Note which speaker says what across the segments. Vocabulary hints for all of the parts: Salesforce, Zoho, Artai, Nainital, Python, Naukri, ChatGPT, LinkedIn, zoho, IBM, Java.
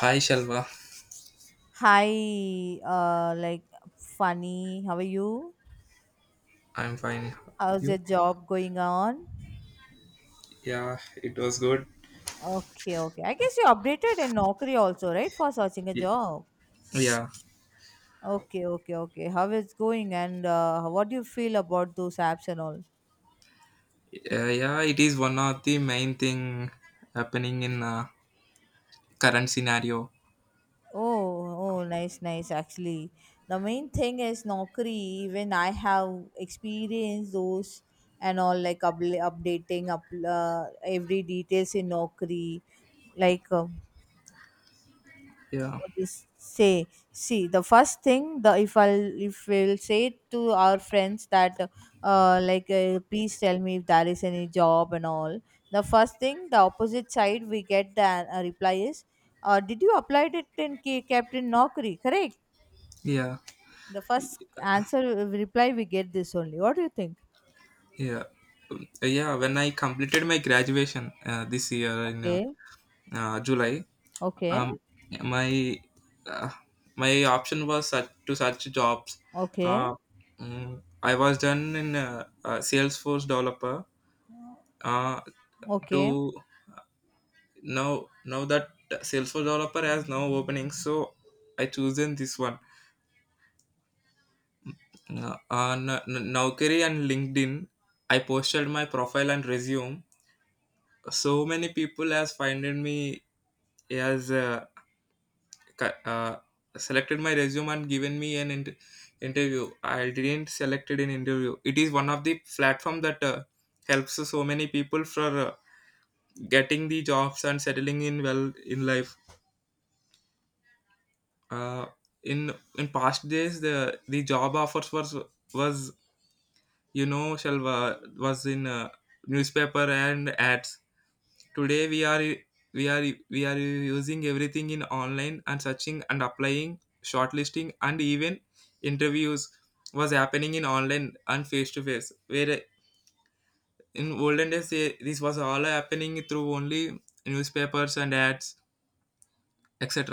Speaker 1: Hi Shalva,
Speaker 2: Hi, like funny. How are you?
Speaker 1: I'm fine.
Speaker 2: How's
Speaker 1: You?
Speaker 2: your job going on?
Speaker 1: Yeah, it was good.
Speaker 2: Okay, okay. I guess you updated in Naukri also, right? For searching a
Speaker 1: Y-
Speaker 2: job.
Speaker 1: Yeah,
Speaker 2: Okay, okay, okay. How is going and what do you feel about those apps and all?
Speaker 1: yeah, yeah. It is one of the main thing happening in current scenario.
Speaker 2: Oh, oh, nice, nice. Actually, the main thing is Naukri. Even I have experienced those and all like updating up every details in Naukri. Like
Speaker 1: Yeah,
Speaker 2: always say, see the first thing, the if we'll say to our friends that please tell me if there is any job and all. The first thing, the opposite side, we get the reply is, did you applied it in captain Nokri? Correct,
Speaker 1: yeah,
Speaker 2: the first answer, reply we get this only. What do you think?
Speaker 1: yeah, yeah. When I completed my graduation this year in
Speaker 2: Okay,
Speaker 1: July,
Speaker 2: okay,
Speaker 1: um, my uh, my option was such, to search jobs.
Speaker 2: okay,
Speaker 1: Uh, I was done in Salesforce developer. Uh,
Speaker 2: okay.
Speaker 1: to Now that Salesforce developer has now openings, so I chosen this one on Naukri and LinkedIn. I posted my profile and resume. So many people has finded me, has cu- uh, selected my resume and given me an interview. I didn't selected an interview. It is one of the platform that helps so many people for getting the jobs and settling in well in life. uh, in in past days, the job offers was, was, Shalva, was in newspaper and ads. Today we are we are using everything in online and searching and applying, shortlisting, and even interviews was happening in online and face to face, where in olden days this was all happening through only newspapers and ads, etc.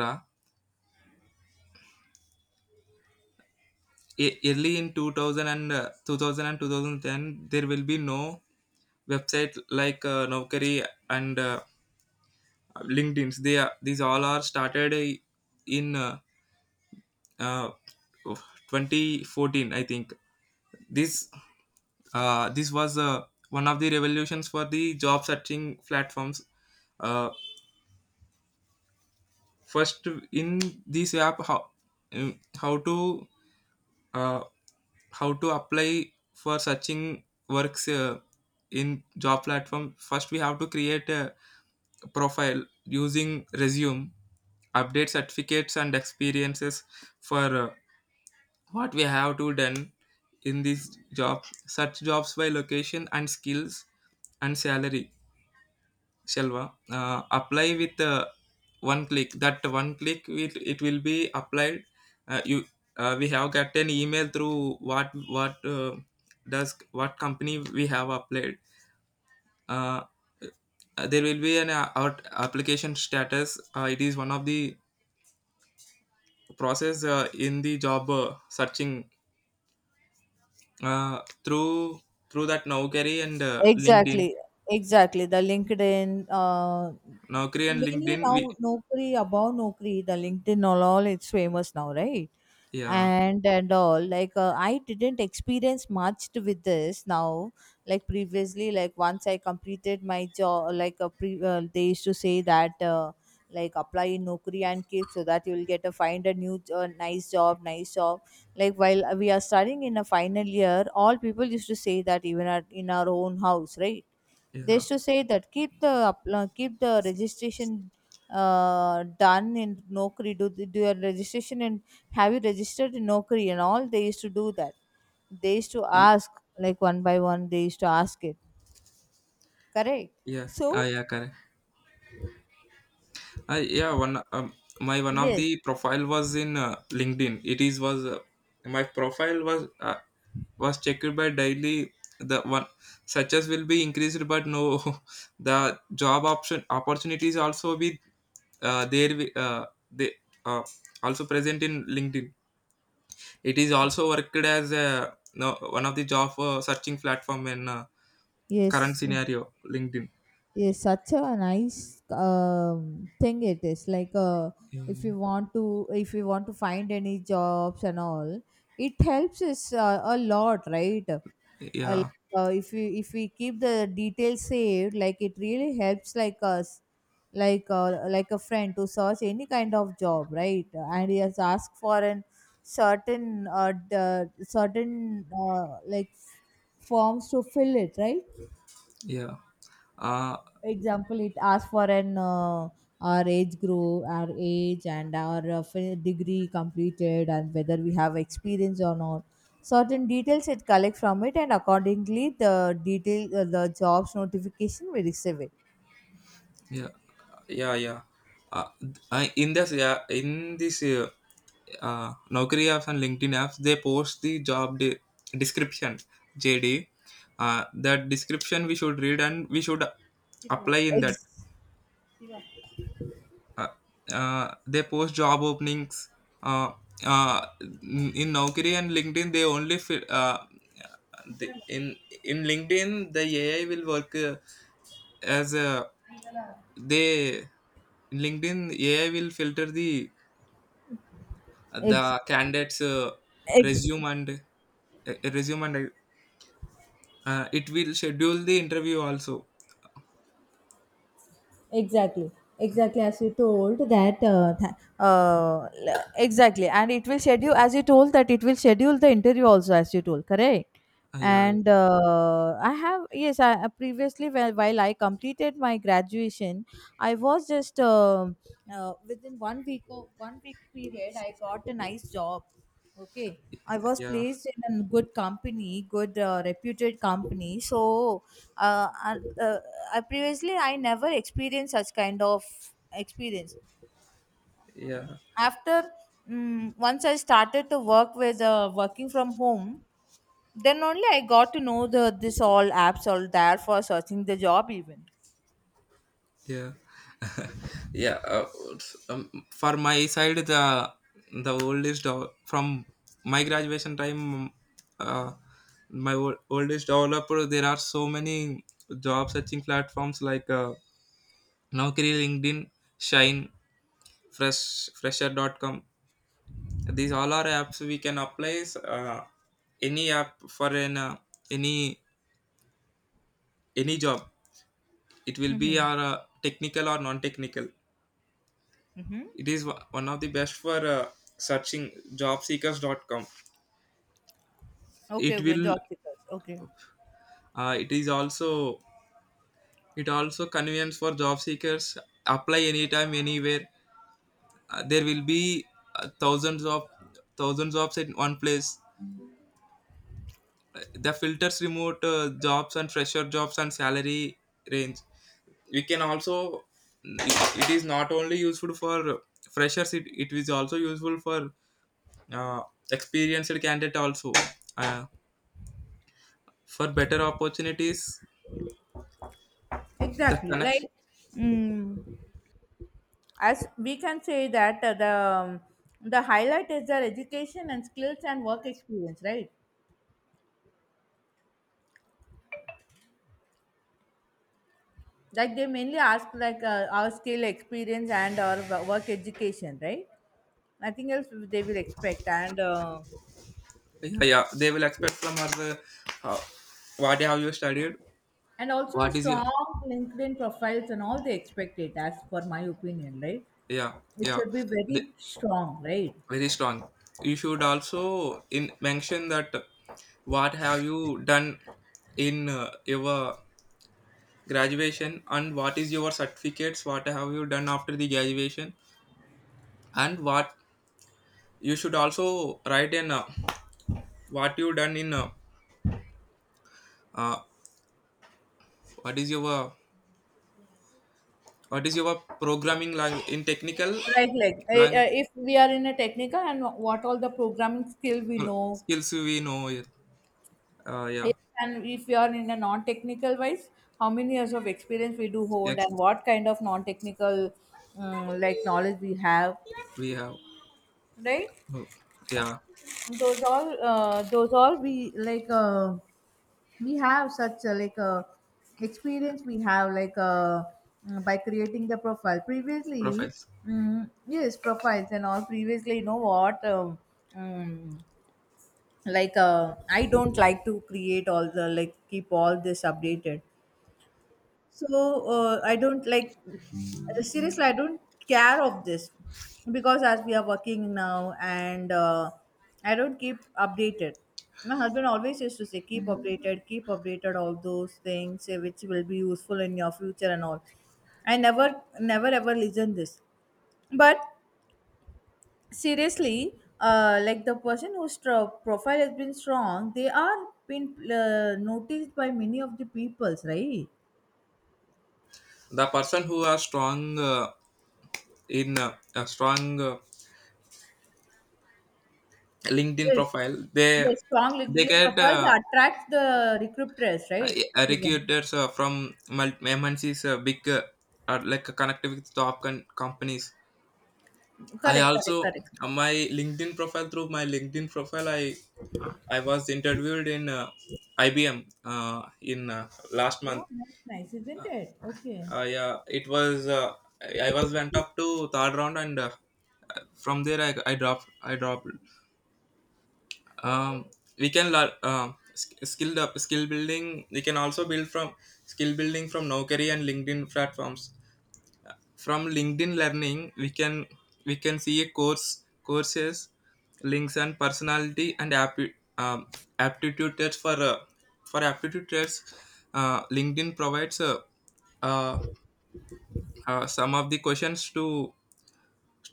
Speaker 1: Early in 2000 and 2000 and 2010, there will be no website like Naukri and LinkedIns. They are, these all are started in uh, 2014, I think. this this was one of the revolutions for the job searching platforms. uh, First in this app, how um, how to uh, how to apply for searching works in job platform. First we have to create a profile using resume, update certificates and experiences for what we have to done in this job. Search jobs by location and skills and salary, Shalva, apply with one click. That one click, it will be applied. Uh, you, we have got an email through what uh, what company we have applied. Uh, there will be an out application status. It is one of the process in the job searching uh, through through that Naukri and LinkedIn.
Speaker 2: Exactly, exactly. The LinkedIn,
Speaker 1: Naukri and
Speaker 2: mainly
Speaker 1: LinkedIn. We
Speaker 2: now Naukri, about Naukri, the LinkedIn all it's famous now, right?
Speaker 1: yeah,
Speaker 2: And all like I didn't experience much with this now. Like previously, like once I completed my job, like they used to say that like apply in Naukri and keep so that you will get a find a new nice job, nice job, like while we are studying in a final year, all people used to say that even at, in our own house, right? They
Speaker 1: yeah.
Speaker 2: used to say that keep the registration done in Nokri. Do your registration and have you registered in Nokri and all. They used to do that. They used to
Speaker 1: Y-
Speaker 2: ask like one by one. They used to ask it. Correct.
Speaker 1: Yeah,
Speaker 2: So
Speaker 1: yeah, correct. I yeah one My one of
Speaker 2: yes,
Speaker 1: the profile was in LinkedIn. It is was My profile was checked by daily. The one searches will be increased, but no, the job option opportunities also be there. Wi- they uh, Also present in LinkedIn. It is also worked as a, no, one of the job searching platform in current
Speaker 2: yes.
Speaker 1: scenario, LinkedIn.
Speaker 2: Is such a nice thing. It is like if
Speaker 1: Mm.
Speaker 2: you want to if you want to find any jobs and all, it helps us a lot, right? Like,
Speaker 1: Yeah,
Speaker 2: if we keep the details saved, like it really helps like us, like a friend to search any kind of job, right? And he has asked for an certain certain like forms to fill it, right?
Speaker 1: yeah. uh,
Speaker 2: Example, it asks for an our age group, our age, and our degree completed, and whether we have experience or not. Certain details it collect from it, and accordingly the detail, the jobs notification we receive it.
Speaker 1: yeah yeah yeah uh, I- in this yeah in this Naukri apps and LinkedIn apps, they post the job description, JD. That description we should read and we should apply in that.
Speaker 2: ex,
Speaker 1: Uh, they post job openings. Uh, in Naukri and LinkedIn, they only fi- the, in LinkedIn, the AI will work as a they in LinkedIn AI will filter the
Speaker 2: ex,
Speaker 1: the candidates
Speaker 2: ex,
Speaker 1: resume and resume, and it will schedule the interview also.
Speaker 2: Exactly, exactly, as you told that exactly, and it will schedule as you told that it will schedule the interview also as you told, correct?
Speaker 1: Yeah,
Speaker 2: And I have, yes, I previously while I completed my graduation, I was just within one week of one week period, I got a nice job. Okay, I was
Speaker 1: yeah,
Speaker 2: placed in a good company, good reputed company. So, uh, I- uh, I previously I never experienced such kind of experience.
Speaker 1: yeah,
Speaker 2: After once I started to work with working from home, then only I got to know the this all apps all there for searching the job even.
Speaker 1: yeah. yeah uh, um, for my side, the oldest from my graduation time, uh, oldest developer, there are so many job searching platforms like Naukri, LinkedIn, Shine, fresher.com. These all are apps. We can apply uh, any app for an any any job. It will be
Speaker 2: Mm-hmm.
Speaker 1: our technical or non technical.
Speaker 2: Mm-hmm.
Speaker 1: It is one of the best for searching, jobseekers.com.
Speaker 2: Okay,
Speaker 1: it
Speaker 2: okay,
Speaker 1: will
Speaker 2: job seekers. Okay,
Speaker 1: it is also, it also convenience for job seekers, apply anytime anywhere. There will be uh, thousands of thousands of jobs in one place, the filters, remote jobs and fresher jobs and salary range. We can also, it is not only useful for freshers, it is also useful for uh, experienced candidate also uh, for better opportunities, the
Speaker 2: exactly.
Speaker 1: connect.
Speaker 2: Like. Mm. As we can say that the highlight is their education and skills and work experience, right? Like they mainly ask like our skill experience and our work education, right? Nothing else they will expect,
Speaker 1: Yeah, yeah, they will expect from her how, what have you studied,
Speaker 2: and also a
Speaker 1: what is your.
Speaker 2: strong linkedin profiles and all they expect it as for my opinion, right?
Speaker 1: Yeah,
Speaker 2: It
Speaker 1: yeah,
Speaker 2: should be
Speaker 1: they,
Speaker 2: very strong, right?
Speaker 1: very strong. You should also in mention that what have you done in your graduation, and what is your certificates, what have you done after the graduation, and what. You should also write in what you done in uh, what is your what is your programming language in technical language,
Speaker 2: If we are in a technical and what all the programming skill we know.
Speaker 1: skills we know it. Yeah.
Speaker 2: Yes. And if we are in a non-technical wise, how many years of experience we do hold
Speaker 1: Yes,
Speaker 2: and what kind of non-technical like knowledge we have,
Speaker 1: we have
Speaker 2: right?
Speaker 1: uh, yeah
Speaker 2: Those all we like. We have such like experience we have like by creating the profile previously.
Speaker 1: profiles.
Speaker 2: Mm, yes, profiles and all previously. You know what? Mm, like I don't like to create all the like keep all this updated. So I don't like, seriously. I don't care of this, because as we are working now, and I don't keep updated. My husband always used to say, keep updated, all those things, which will be useful in your future and all." I never, never, ever listen this. But seriously, like the person whose profile has been strong, they are been noticed by many of the peoples, right?
Speaker 1: The person who are strong uh, in a strong LinkedIn
Speaker 2: Yes,
Speaker 1: profile, they
Speaker 2: yes, strong LinkedIn
Speaker 1: get
Speaker 2: profiles attracts the recruiters, right? Even
Speaker 1: recruiters from MNCs, big, like connected with top companies. I
Speaker 2: correct, correct,
Speaker 1: also,
Speaker 2: correct.
Speaker 1: my LinkedIn profile through my LinkedIn profile, I was interviewed in IBM in last month.
Speaker 2: Oh, nice, nice, isn't it? Okay,
Speaker 1: Yeah, it was I was went up to third round, and from there I dropped, um, we can learn skill up, skill building. We can also build from skill building from Naukri and LinkedIn platforms. From LinkedIn learning, we can see a courses, links, and personality and aptitude tests for aptitude tests. LinkedIn provides uh, some of the questions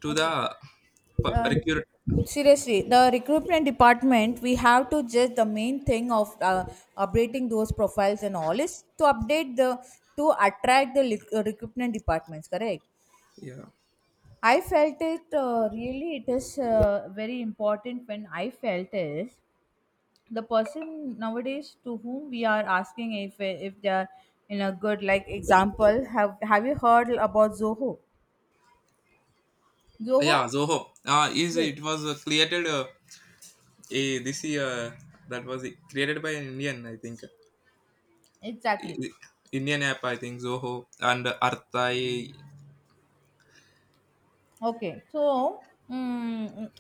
Speaker 1: to
Speaker 2: okay.
Speaker 1: the
Speaker 2: Uh,
Speaker 1: recruit.
Speaker 2: Seriously, the recruitment department, we have to just the main thing of updating those profiles and all is to update the to attract the recruitment departments. Correct.
Speaker 1: Yeah,
Speaker 2: I felt it really. It is very important. When I felt is, the person nowadays to whom we are asking, if they are in a good, like example, have you heard about zoho? Zoho,
Speaker 1: yeah, Zoho is
Speaker 2: yes,
Speaker 1: it was created this year. That was created by an Indian, I think.
Speaker 2: exactly.
Speaker 1: I- Indian app, I think, Zoho and Artai.
Speaker 2: Okay, so mm,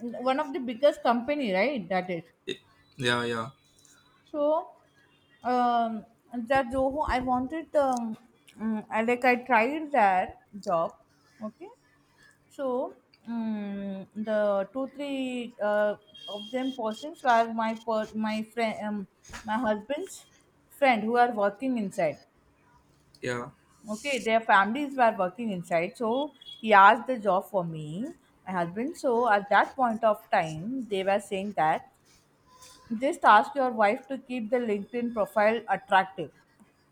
Speaker 2: one of the biggest company, right, that is.
Speaker 1: Yeah, yeah,
Speaker 2: So um that zoho, I wanted, I like I tried that job. Okay. So the two three of them persons were my friend, my husband's friend who are working inside.
Speaker 1: yeah,
Speaker 2: Okay, their families were working inside. So he asked the job for me, my husband. So at that point of time, they were saying that just ask your wife to keep the LinkedIn profile attractive,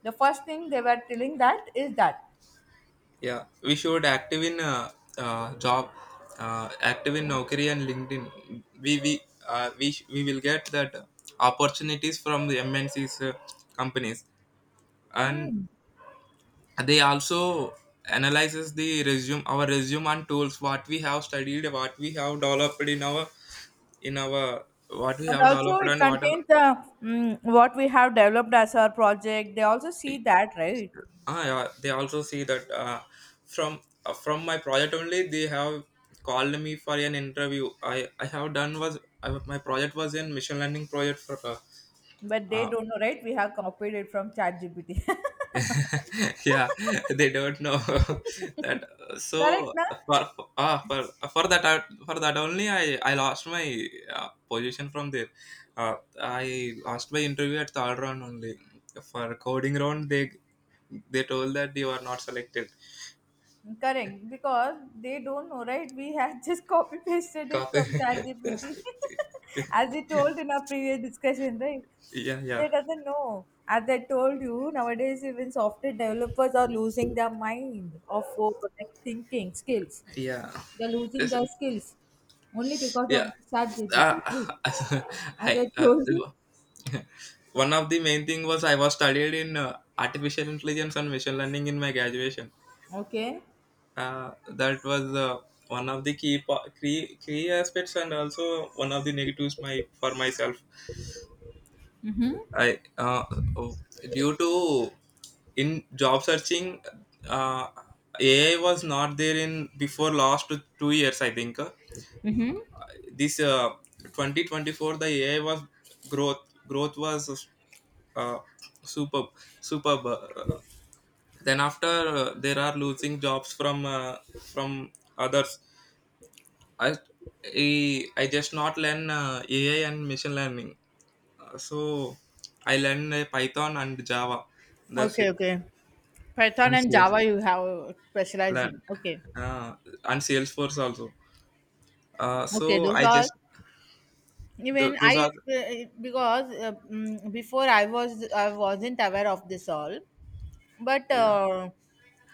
Speaker 2: the first thing they were telling that is that.
Speaker 1: yeah. We should active in uh, job, active in Naukri and LinkedIn. We we we we will get that opportunities from the MNCs companies, and
Speaker 2: hmm,
Speaker 1: they also analyzes the resume, our resume and tools, what we have studied, what we have developed in our, in our what we
Speaker 2: and
Speaker 1: have
Speaker 2: also
Speaker 1: developed
Speaker 2: it
Speaker 1: and what are.
Speaker 2: contains the, what we have developed as our project they also see that, right?
Speaker 1: Ah, yeah, they also see that from from my project only. They have called me for an interview. I have done my project was in machine learning project for
Speaker 2: But they
Speaker 1: uh,
Speaker 2: don't know, right, we have copied it from ChatGPT.
Speaker 1: yeah, they don't know that.
Speaker 2: Correct
Speaker 1: So
Speaker 2: na.
Speaker 1: for for, uh, for for that for that only, I lost my uh, position from there. uh, I lost my interview at third round only. For coding round, they told that you are not selected.
Speaker 2: Correct, because they don't know, right, we have just copy pasted it
Speaker 1: Copy.
Speaker 2: from ChatGPT, as we told in our previous discussion, right?
Speaker 1: Yeah, yeah,
Speaker 2: They doesn't know, as I told you, nowadays even software developers are losing their mind of over, like, thinking skills.
Speaker 1: yeah,
Speaker 2: They're losing their skills only because
Speaker 1: yeah.
Speaker 2: of
Speaker 1: uh,
Speaker 2: ChatGPT, right? As
Speaker 1: hi
Speaker 2: I
Speaker 1: uh,
Speaker 2: told you.
Speaker 1: the- One of the main thing was, I was studied in artificial intelligence and machine learning in my graduation.
Speaker 2: Okay.
Speaker 1: That was one of the key, key aspects, and also one of the negatives my for myself.
Speaker 2: Mm-hmm.
Speaker 1: I Due to in job searching, uh, AI was not there in before last two years, I think. This 2024, the AI was growth growth was uh, superb superb. Then after, there are losing jobs from from others. i i, I just not learn AI and machine learning. So I learn Python and Java, that's
Speaker 2: Okay,
Speaker 1: it.
Speaker 2: okay. Python
Speaker 1: And
Speaker 2: and
Speaker 1: sales
Speaker 2: Java you have specialized
Speaker 1: learn
Speaker 2: in. Okay,
Speaker 1: uh, and Salesforce also.
Speaker 2: okay.
Speaker 1: So
Speaker 2: Those
Speaker 1: I
Speaker 2: are,
Speaker 1: just
Speaker 2: even
Speaker 1: Those are,
Speaker 2: because before I wasn't aware of this all, but
Speaker 1: yeah,
Speaker 2: uh,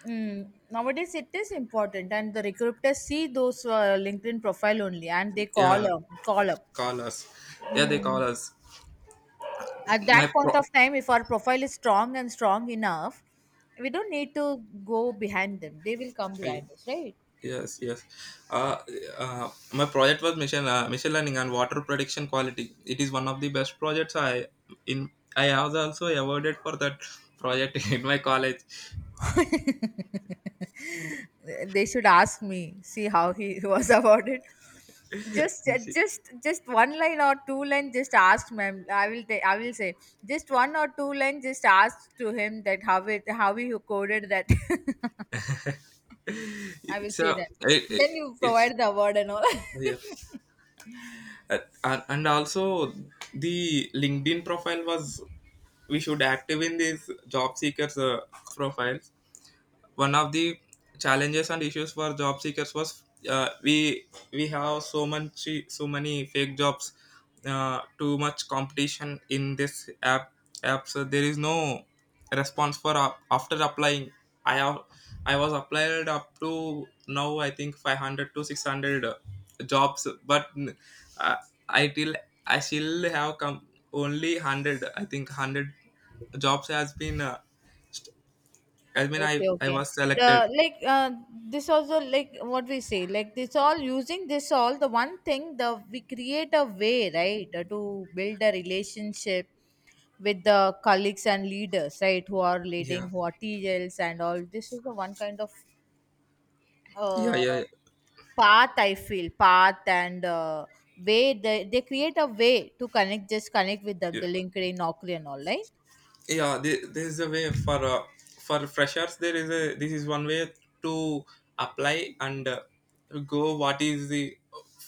Speaker 2: mm, nowadays it is important, and the recruiters see those LinkedIn profile only, and they call
Speaker 1: yeah,
Speaker 2: up, call up.
Speaker 1: call us. Yeah, they call
Speaker 2: Mm.
Speaker 1: us.
Speaker 2: At that
Speaker 1: My pro,
Speaker 2: point of time, if our profile is strong and strong enough, we don't need to go behind them, they will come
Speaker 1: I-
Speaker 2: behind us, right?
Speaker 1: yes, yes. uh, my project was machine learning and water prediction quality. It is one of the best projects. In I was also awarded for that project in my college.
Speaker 2: They should ask me see how he was about it. Just one line or two line, just ask ma'am, I will say, just one or two line, just ask to him that how he coded that I will
Speaker 1: It's
Speaker 2: say
Speaker 1: a
Speaker 2: that
Speaker 1: it, it,
Speaker 2: then you
Speaker 1: it's
Speaker 2: provide the award and all
Speaker 1: Yeah. Uh, and also the LinkedIn profile was, we should active in these job seekers profile. One of the challenges and issues for job seekers was, uh, we we have so much, so many fake jobs, too much competition in this app. So there is no response for up after applying. I have i was applied up to now, I think, 500 to 600 jobs. But uh, i till I still have come only 100, I think, 100 jobs has been I mean,
Speaker 2: Okay,
Speaker 1: I
Speaker 2: okay.
Speaker 1: was selected.
Speaker 2: The like this also like what we say like this all using this all the one thing, the we create a way, right? To build a relationship with the colleagues and leaders, right? Who are
Speaker 1: Yeah,
Speaker 2: leading, who are TLs and all. This is the one kind of
Speaker 1: yeah,
Speaker 2: uh,
Speaker 1: yeah.
Speaker 2: path, I feel, path and way, they create a way to connect, just connect with them,
Speaker 1: Yeah,
Speaker 2: the LinkedIn, Naukri and all, right?
Speaker 1: yeah there, there's a way for freshers. There is a, this is one way to apply, and go, what is the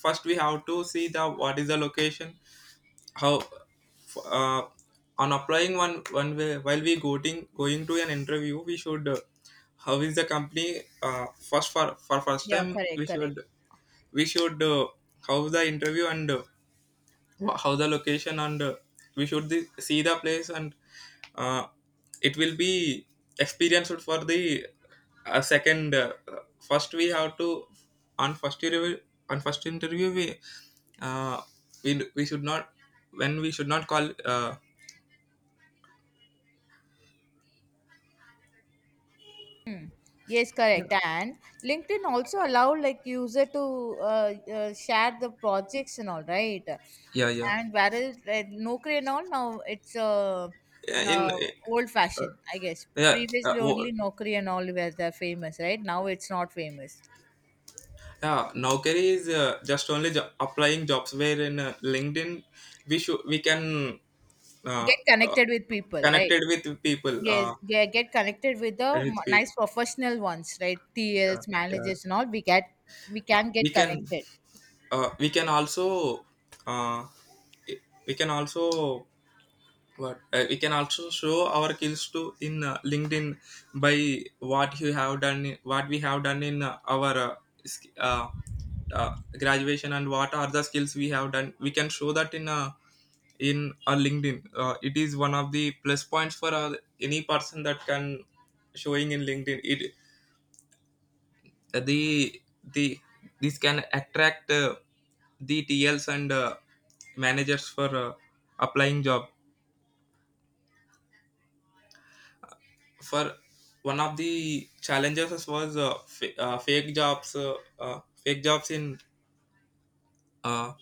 Speaker 1: first. We have to see the, what is the location, how. uh, on applying, one one way. While we going to an interview, we should how is the company. First For first
Speaker 2: Yeah,
Speaker 1: time,
Speaker 2: correct,
Speaker 1: we
Speaker 2: correct.
Speaker 1: should, we should how the interview and how the location, and we should see the place. And uh, it will be experienced for the second first. We have to, on first interview, we uh, we should not, when we should not call
Speaker 2: Yes,
Speaker 1: yeah,
Speaker 2: correct. And LinkedIn also allow like user to share the projects and all, right.
Speaker 1: yeah, yeah.
Speaker 2: And whereas Naukri and all now it's
Speaker 1: Yeah, in
Speaker 2: uh, old fashioned, I guess.
Speaker 1: yeah, uh,
Speaker 2: Previously
Speaker 1: wo-
Speaker 2: only Naukri and all were the famous, right? Now it's not famous.
Speaker 1: yeah, nowkari is just only applying jobs, where in LinkedIn, we can uh,
Speaker 2: Get
Speaker 1: uh,
Speaker 2: connected with people, right?
Speaker 1: connected with people
Speaker 2: Yes, they get connected with the
Speaker 1: with people,
Speaker 2: nice professional ones, right?
Speaker 1: yeah,
Speaker 2: TLs,
Speaker 1: yeah.
Speaker 2: managers, and all. We can
Speaker 1: We
Speaker 2: get
Speaker 1: can
Speaker 2: connected.
Speaker 1: we can also uh, we can also what we can also show our skills to in linkedin by what we have done in our sk- uh, uh, graduation, and what are the skills we have done we can show that in a linkedin. It is one of the plus points for any person that can showing in linkedin. It uh, the the This can attract the tls and managers for applying job for. One of the challenges was fake jobs, fake jobs in uh,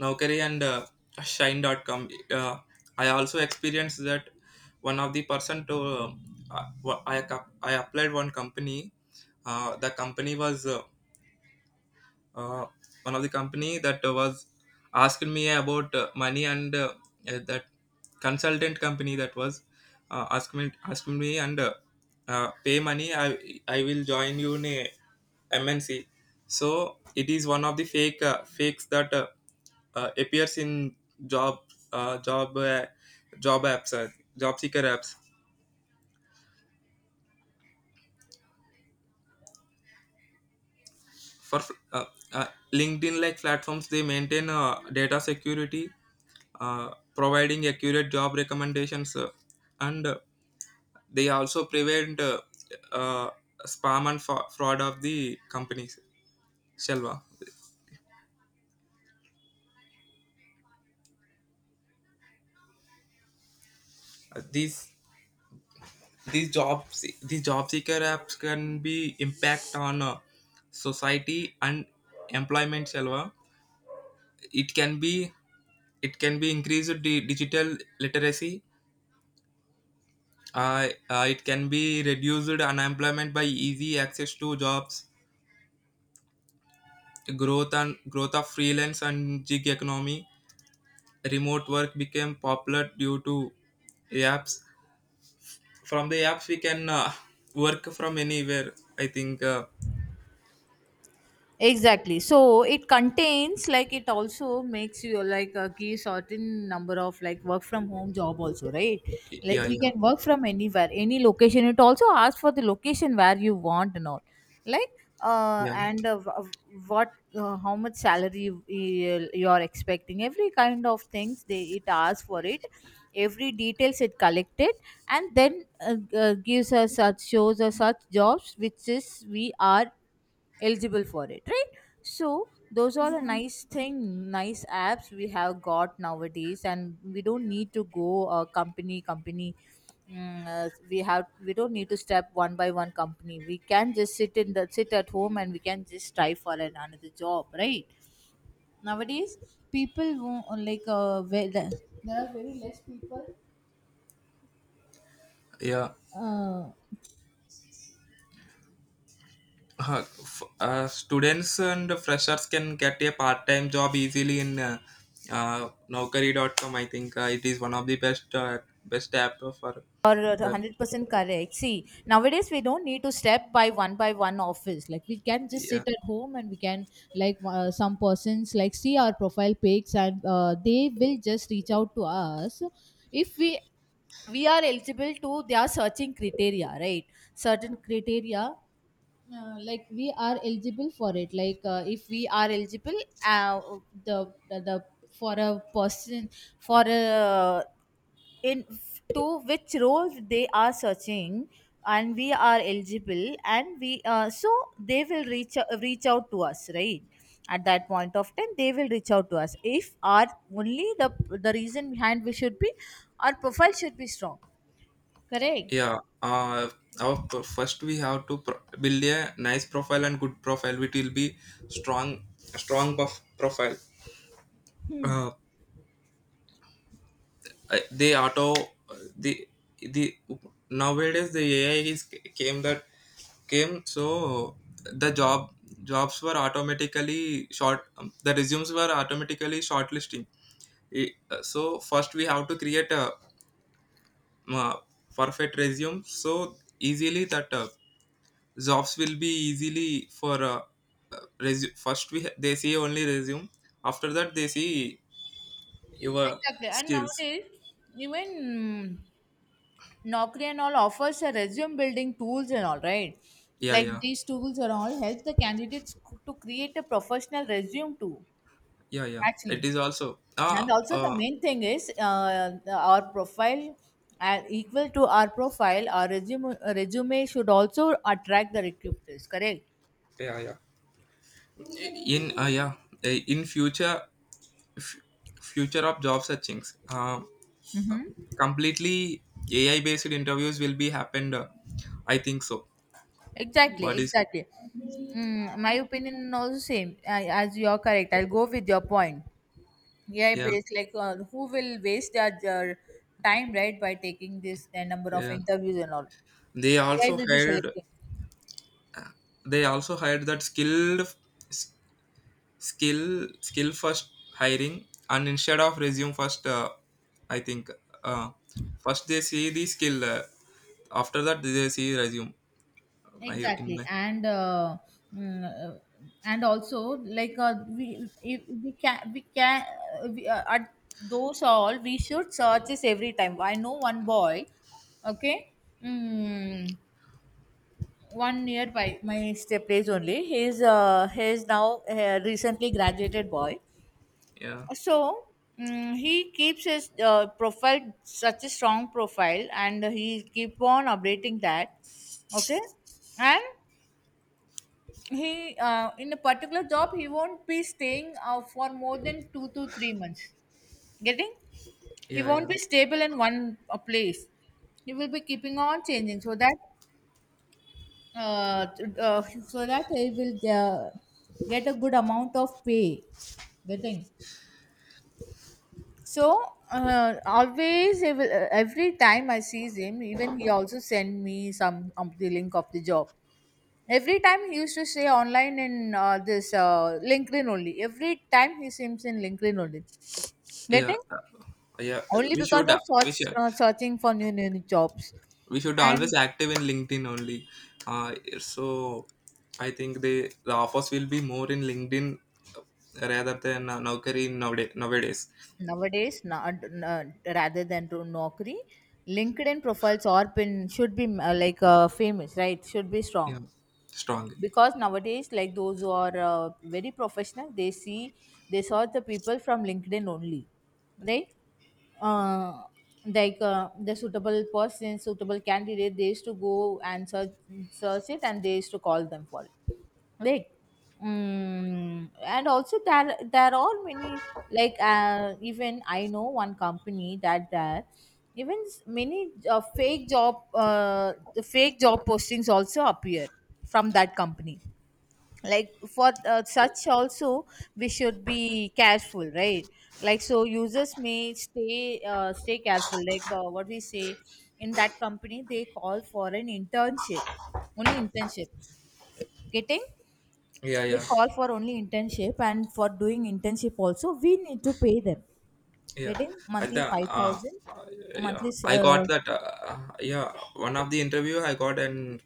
Speaker 1: Naukri and Shine.com. I also experienced that. One of the person to uh, I, I applied one company. The company was uh, one of the company that was asking me about money, and that consultant company that was asking me and pay money, I will join you in a mnc. So it is one of the fakes that appears in job uh, job uh, job apps, job seeker apps for uh, uh, linkedin like platforms. They maintain data security, providing accurate job recommendations, and they also prevent uh, spam and fraud of the companies, shalva. These these jobs, these job seeker apps can be impact on society and employment, shalva. it can be it can be increased the digital literacy. uh, it can be reduced unemployment by easy access to jobs, growth and growth of freelance and gig economy. Remote work became popular due to apps. From the apps we can work from anywhere, I think.
Speaker 2: Exactly, so it contains like it also makes you like a key certain number of like work from home job also, right? Like
Speaker 1: Yeah,
Speaker 2: we
Speaker 1: yeah,
Speaker 2: can work from anywhere, any location, it also asks for the location where you want and all. Like uh
Speaker 1: yeah,
Speaker 2: and uh, wh- what how much salary you're expecting, every kind of things they it asks for it, every details it collected. And then gives us such shows us such jobs which is we are eligible for it, right? So those are a nice thing, nice apps we have got nowadays, and we don't need to go company company. We have, we don't need to step one by one company, we can just sit in the sit at home, and we can just strive for another job, right? Nowadays people won't like, where the,
Speaker 1: yeah,
Speaker 2: uh,
Speaker 1: students and freshers can get a part-time job easily in naukari.com. I think it is one of the best best app for
Speaker 2: or
Speaker 1: that.
Speaker 2: 100% correct. See, nowadays we don't need to step by one office. Like we can just
Speaker 1: Yeah.
Speaker 2: sit at home and we can, some persons like see our profile pics and they will just reach out to us if we are eligible to their searching criteria, right? Certain criteria, like we are eligible for it. Like if we are eligible, uh, the for a person, for a, in, to which roles they are searching, and we are eligible and we, they will reach out to us, right? At that point of time they will reach out to us if our, only the reason behind, we should be, our profile should be strong. Correct.
Speaker 1: Yeah, our first we have to build a nice profile and good profile, which will be strong profile. Uh, they auto the the nowadays the AI is came that came, so the job jobs were automatically short the resumes were automatically shortlisting. So first we have to create a uh, perfect resume so easily that. Jobs will be easily for first we they see only resume, after that they see your
Speaker 2: Exactly. And
Speaker 1: skills.
Speaker 2: nowadays, even Naukri and all offers a resume building tools and all, right?
Speaker 1: Yeah,
Speaker 2: Like
Speaker 1: yeah,
Speaker 2: these tools are all help the candidates to create a professional resume too,
Speaker 1: yeah, yeah, it
Speaker 2: actually.
Speaker 1: is also
Speaker 2: And
Speaker 1: ah,
Speaker 2: also the main thing is, our profile, equal to our profile, our resume should also attract the recruiters. Correct?
Speaker 1: yeah yeah in uh, yeah in future f- future of job searchings completely ai based interviews will be happened, I think so.
Speaker 2: Exactly,
Speaker 1: What is?
Speaker 2: exactly. My opinion also same, as you are correct. I'll go with your point. Yeah, it
Speaker 1: Yeah,
Speaker 2: is like, who will waste their time, right, by taking this, number of
Speaker 1: yeah,
Speaker 2: interviews and all.
Speaker 1: they
Speaker 2: AI
Speaker 1: also
Speaker 2: will be
Speaker 1: hired
Speaker 2: selecting.
Speaker 1: they also hired that skill first hiring, and instead of resume first, I think uh, first they see the skill, after that they see resume, my in
Speaker 2: Exactly,
Speaker 1: my.
Speaker 2: and also like, we if we can we can we, at those all we should search this every time. I know one boy. Okay. mm, One nearby my step place only, he's now a recently graduated boy.
Speaker 1: Yeah,
Speaker 2: So, he keeps his, profile such a strong profile, and he keep on updating that. Okay. And he, in a particular job he won't be staying, for more than 2 to 3 months. Getting. He
Speaker 1: yeah,
Speaker 2: won't
Speaker 1: yeah,
Speaker 2: be stable in one, place. He will be keeping on changing, so that, uh, t- uh, so that he will, get a good amount of pay. Getting. So, always, every time I sees him, even he also send me some, the link of the job. Every time he used to say online in, this LinkedIn only. Every time he seems in LinkedIn only.
Speaker 1: yeah,
Speaker 2: Getting.
Speaker 1: yeah,
Speaker 2: Only
Speaker 1: we
Speaker 2: because
Speaker 1: should uh,
Speaker 2: of
Speaker 1: we should
Speaker 2: searching for new jobs.
Speaker 1: we should
Speaker 2: And
Speaker 1: always active in linkedin only. uh, so I think they the offers will be more in linkedin, rather than Naukri nowadays.
Speaker 2: nowadays, rather than to Naukri, LinkedIn profiles or pin should be, famous, right? Should be strong,
Speaker 1: Yeah, strong,
Speaker 2: because nowadays like those who are, very professional, they see, they saw the people from LinkedIn only, right? uh, the suitable person, suitable candidate, they used to go and search, search it, and they used to call them for it. Like, and also there are many, even I know one company that there, many, fake job the fake job postings also appear from that company. For, such also we should be careful, right? Like, so users may stay careful, like, what we say. In that company they call for an internship. Only internship. Getting.
Speaker 1: yeah,
Speaker 2: They
Speaker 1: yeah.
Speaker 2: call for only internship, and for doing internship also we need to pay them.
Speaker 1: Yeah,
Speaker 2: Getting.
Speaker 1: at
Speaker 2: Monthly
Speaker 1: the
Speaker 2: 5,000.
Speaker 1: uh, yeah,
Speaker 2: monthly s-
Speaker 1: I got
Speaker 2: uh,
Speaker 1: that. Yeah, one of the interview I got an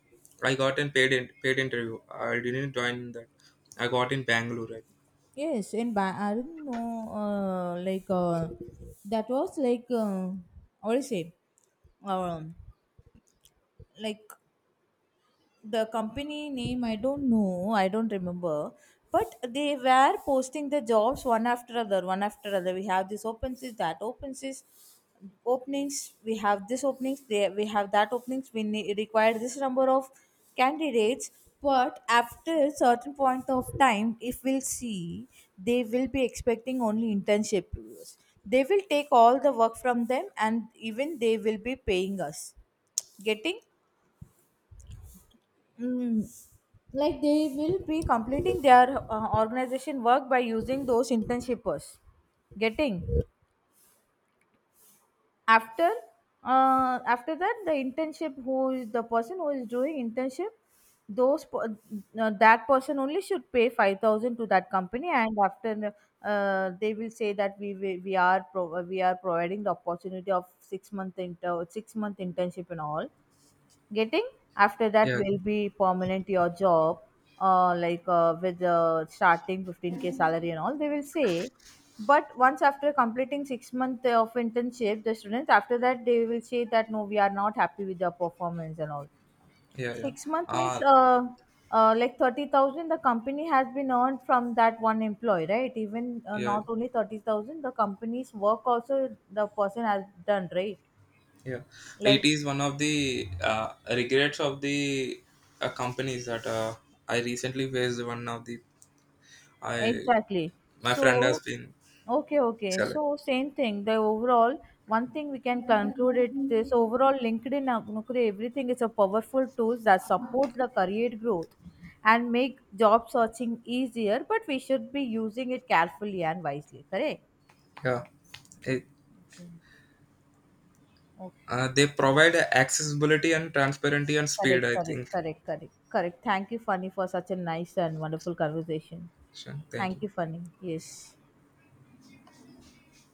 Speaker 1: paid paid interview. I didn't join that. I got in Bangalore, right?
Speaker 2: yes, I don't know. uh, like uh, that was like, what do you say um, like the company name I don't know, I don't remember. But they were posting the jobs one after other, one after other. We have this openings, that openings, openings, we have this openings. They, we have that openings. We require this number of candidates. But after a certain point of time if we'll see, they will be expecting only internship viewers. They will take all the work from them, and even they will be paying us. Getting. Mm, like, they will be completing their, organization work by using those internships. Getting. After, after that, the internship, who is the person who is doing internship, those per- that person only should pay 5,000 to that company. And after, they will say that we are, we are providing the opportunity of 6 month 6-month internship and all. Getting. After that
Speaker 1: Yeah,
Speaker 2: will be permanent your job. Like with Starting 15K salary and all they will say. But once after completing 6 months of internship, the students, after that they will say that no, we are not happy with your performance and all.
Speaker 1: yeah, yeah.
Speaker 2: 6 month means,
Speaker 1: Uh,
Speaker 2: 30,000 the company has been earned from that one employee, right? Even,
Speaker 1: yeah,
Speaker 2: not only 30,000, the company's work also the person has done, right?
Speaker 1: yeah. It
Speaker 2: Like,
Speaker 1: is one of the regrets of the companies that I recently faced. One of the I
Speaker 2: exactly.
Speaker 1: my friend has
Speaker 2: So,
Speaker 1: been
Speaker 2: okay, okay.
Speaker 1: selected.
Speaker 2: So, same thing. The overall, one thing we can conclude it, this overall LinkedIn, Naukri, everything is a powerful tool that support the career growth and make job searching easier, but we should be using it carefully and wisely. Correct?
Speaker 1: Yeah. It,
Speaker 2: Okay. Oh,
Speaker 1: they provide accessibility and transparency and speed,
Speaker 2: correct,
Speaker 1: I
Speaker 2: correct,
Speaker 1: think.
Speaker 2: correct, correct, correct. Thank you, Funny, for such a nice and wonderful conversation.
Speaker 1: Sure. Thank you.
Speaker 2: Thank you, Funny. Yes.